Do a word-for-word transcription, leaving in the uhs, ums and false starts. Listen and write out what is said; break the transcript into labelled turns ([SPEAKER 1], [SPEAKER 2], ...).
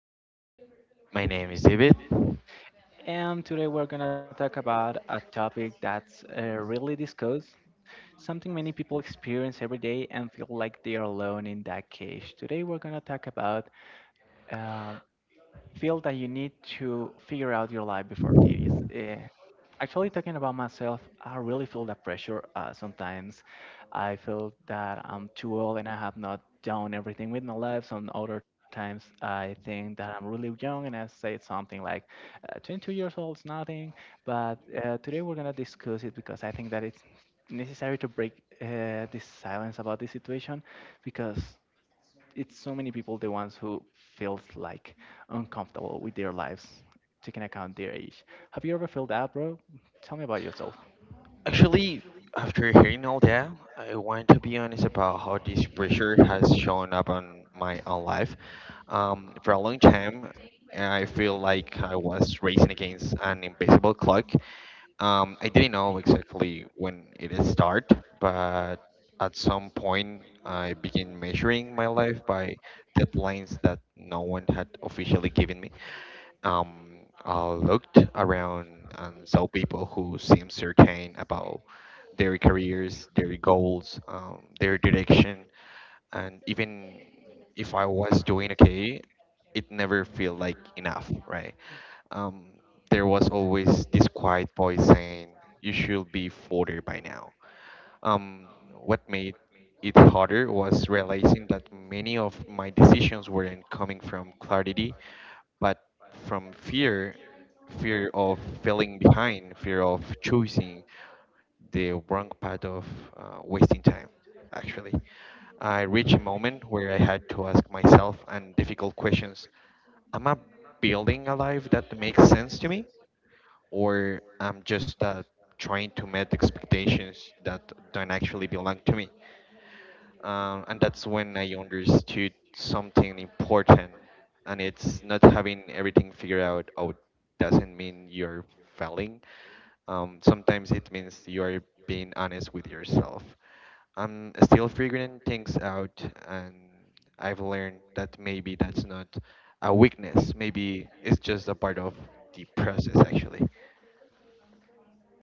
[SPEAKER 1] name is Philip,
[SPEAKER 2] My name is David.
[SPEAKER 1] and today we're gonna talk about a topic that's uh, really discussed, something many people experience every day and feel like they are alone in that cage. Today, we're gonna talk about um, feel that you need to figure out your life before it is. eh, Actually, talking about myself, I really feel that pressure uh, sometimes. I feel that I'm too old and I have not done everything with my life. Some other times, I think that I'm really young and I say something like, uh, twenty-two years old is nothing. But uh, today we're going to discuss it because I think that it's necessary to break uh, this silence about this situation because it's so many people the ones who feels like uncomfortable with their lives, taking account their age. Have you ever felt that, bro? Tell me about yourself.
[SPEAKER 2] Actually, after hearing all that, I want to be honest about how this pressure has shown up on my own life. Um, for a long time, I feel like I was racing against an invisible clock. Um, I didn't know exactly when it started, but at some point, I began measuring my life by deadlines that no one had officially given me. Um, uh, looked around and saw people who seemed certain about their careers, their goals, um, their direction, and even if I was doing okay, it never felt like enough, right? Um, there was always this quiet voice saying, "You should be further by now." Um, what made it harder was realizing that many of my decisions weren't coming from clarity but from fear, fear of falling behind, fear of choosing the wrong path, of uh, wasting time. Actually, I reached a moment where I had to ask myself and difficult questions. Am I building a life that makes sense to me, or I'm just uh, trying to meet expectations that don't actually belong to me? Um, and that's when I understood something important. And it's not having everything figured out out doesn't mean you're failing. Um, sometimes it means you are being honest with yourself. I'm still figuring things out, and I've learned that maybe that's not a weakness. Maybe it's just a part of the process, actually.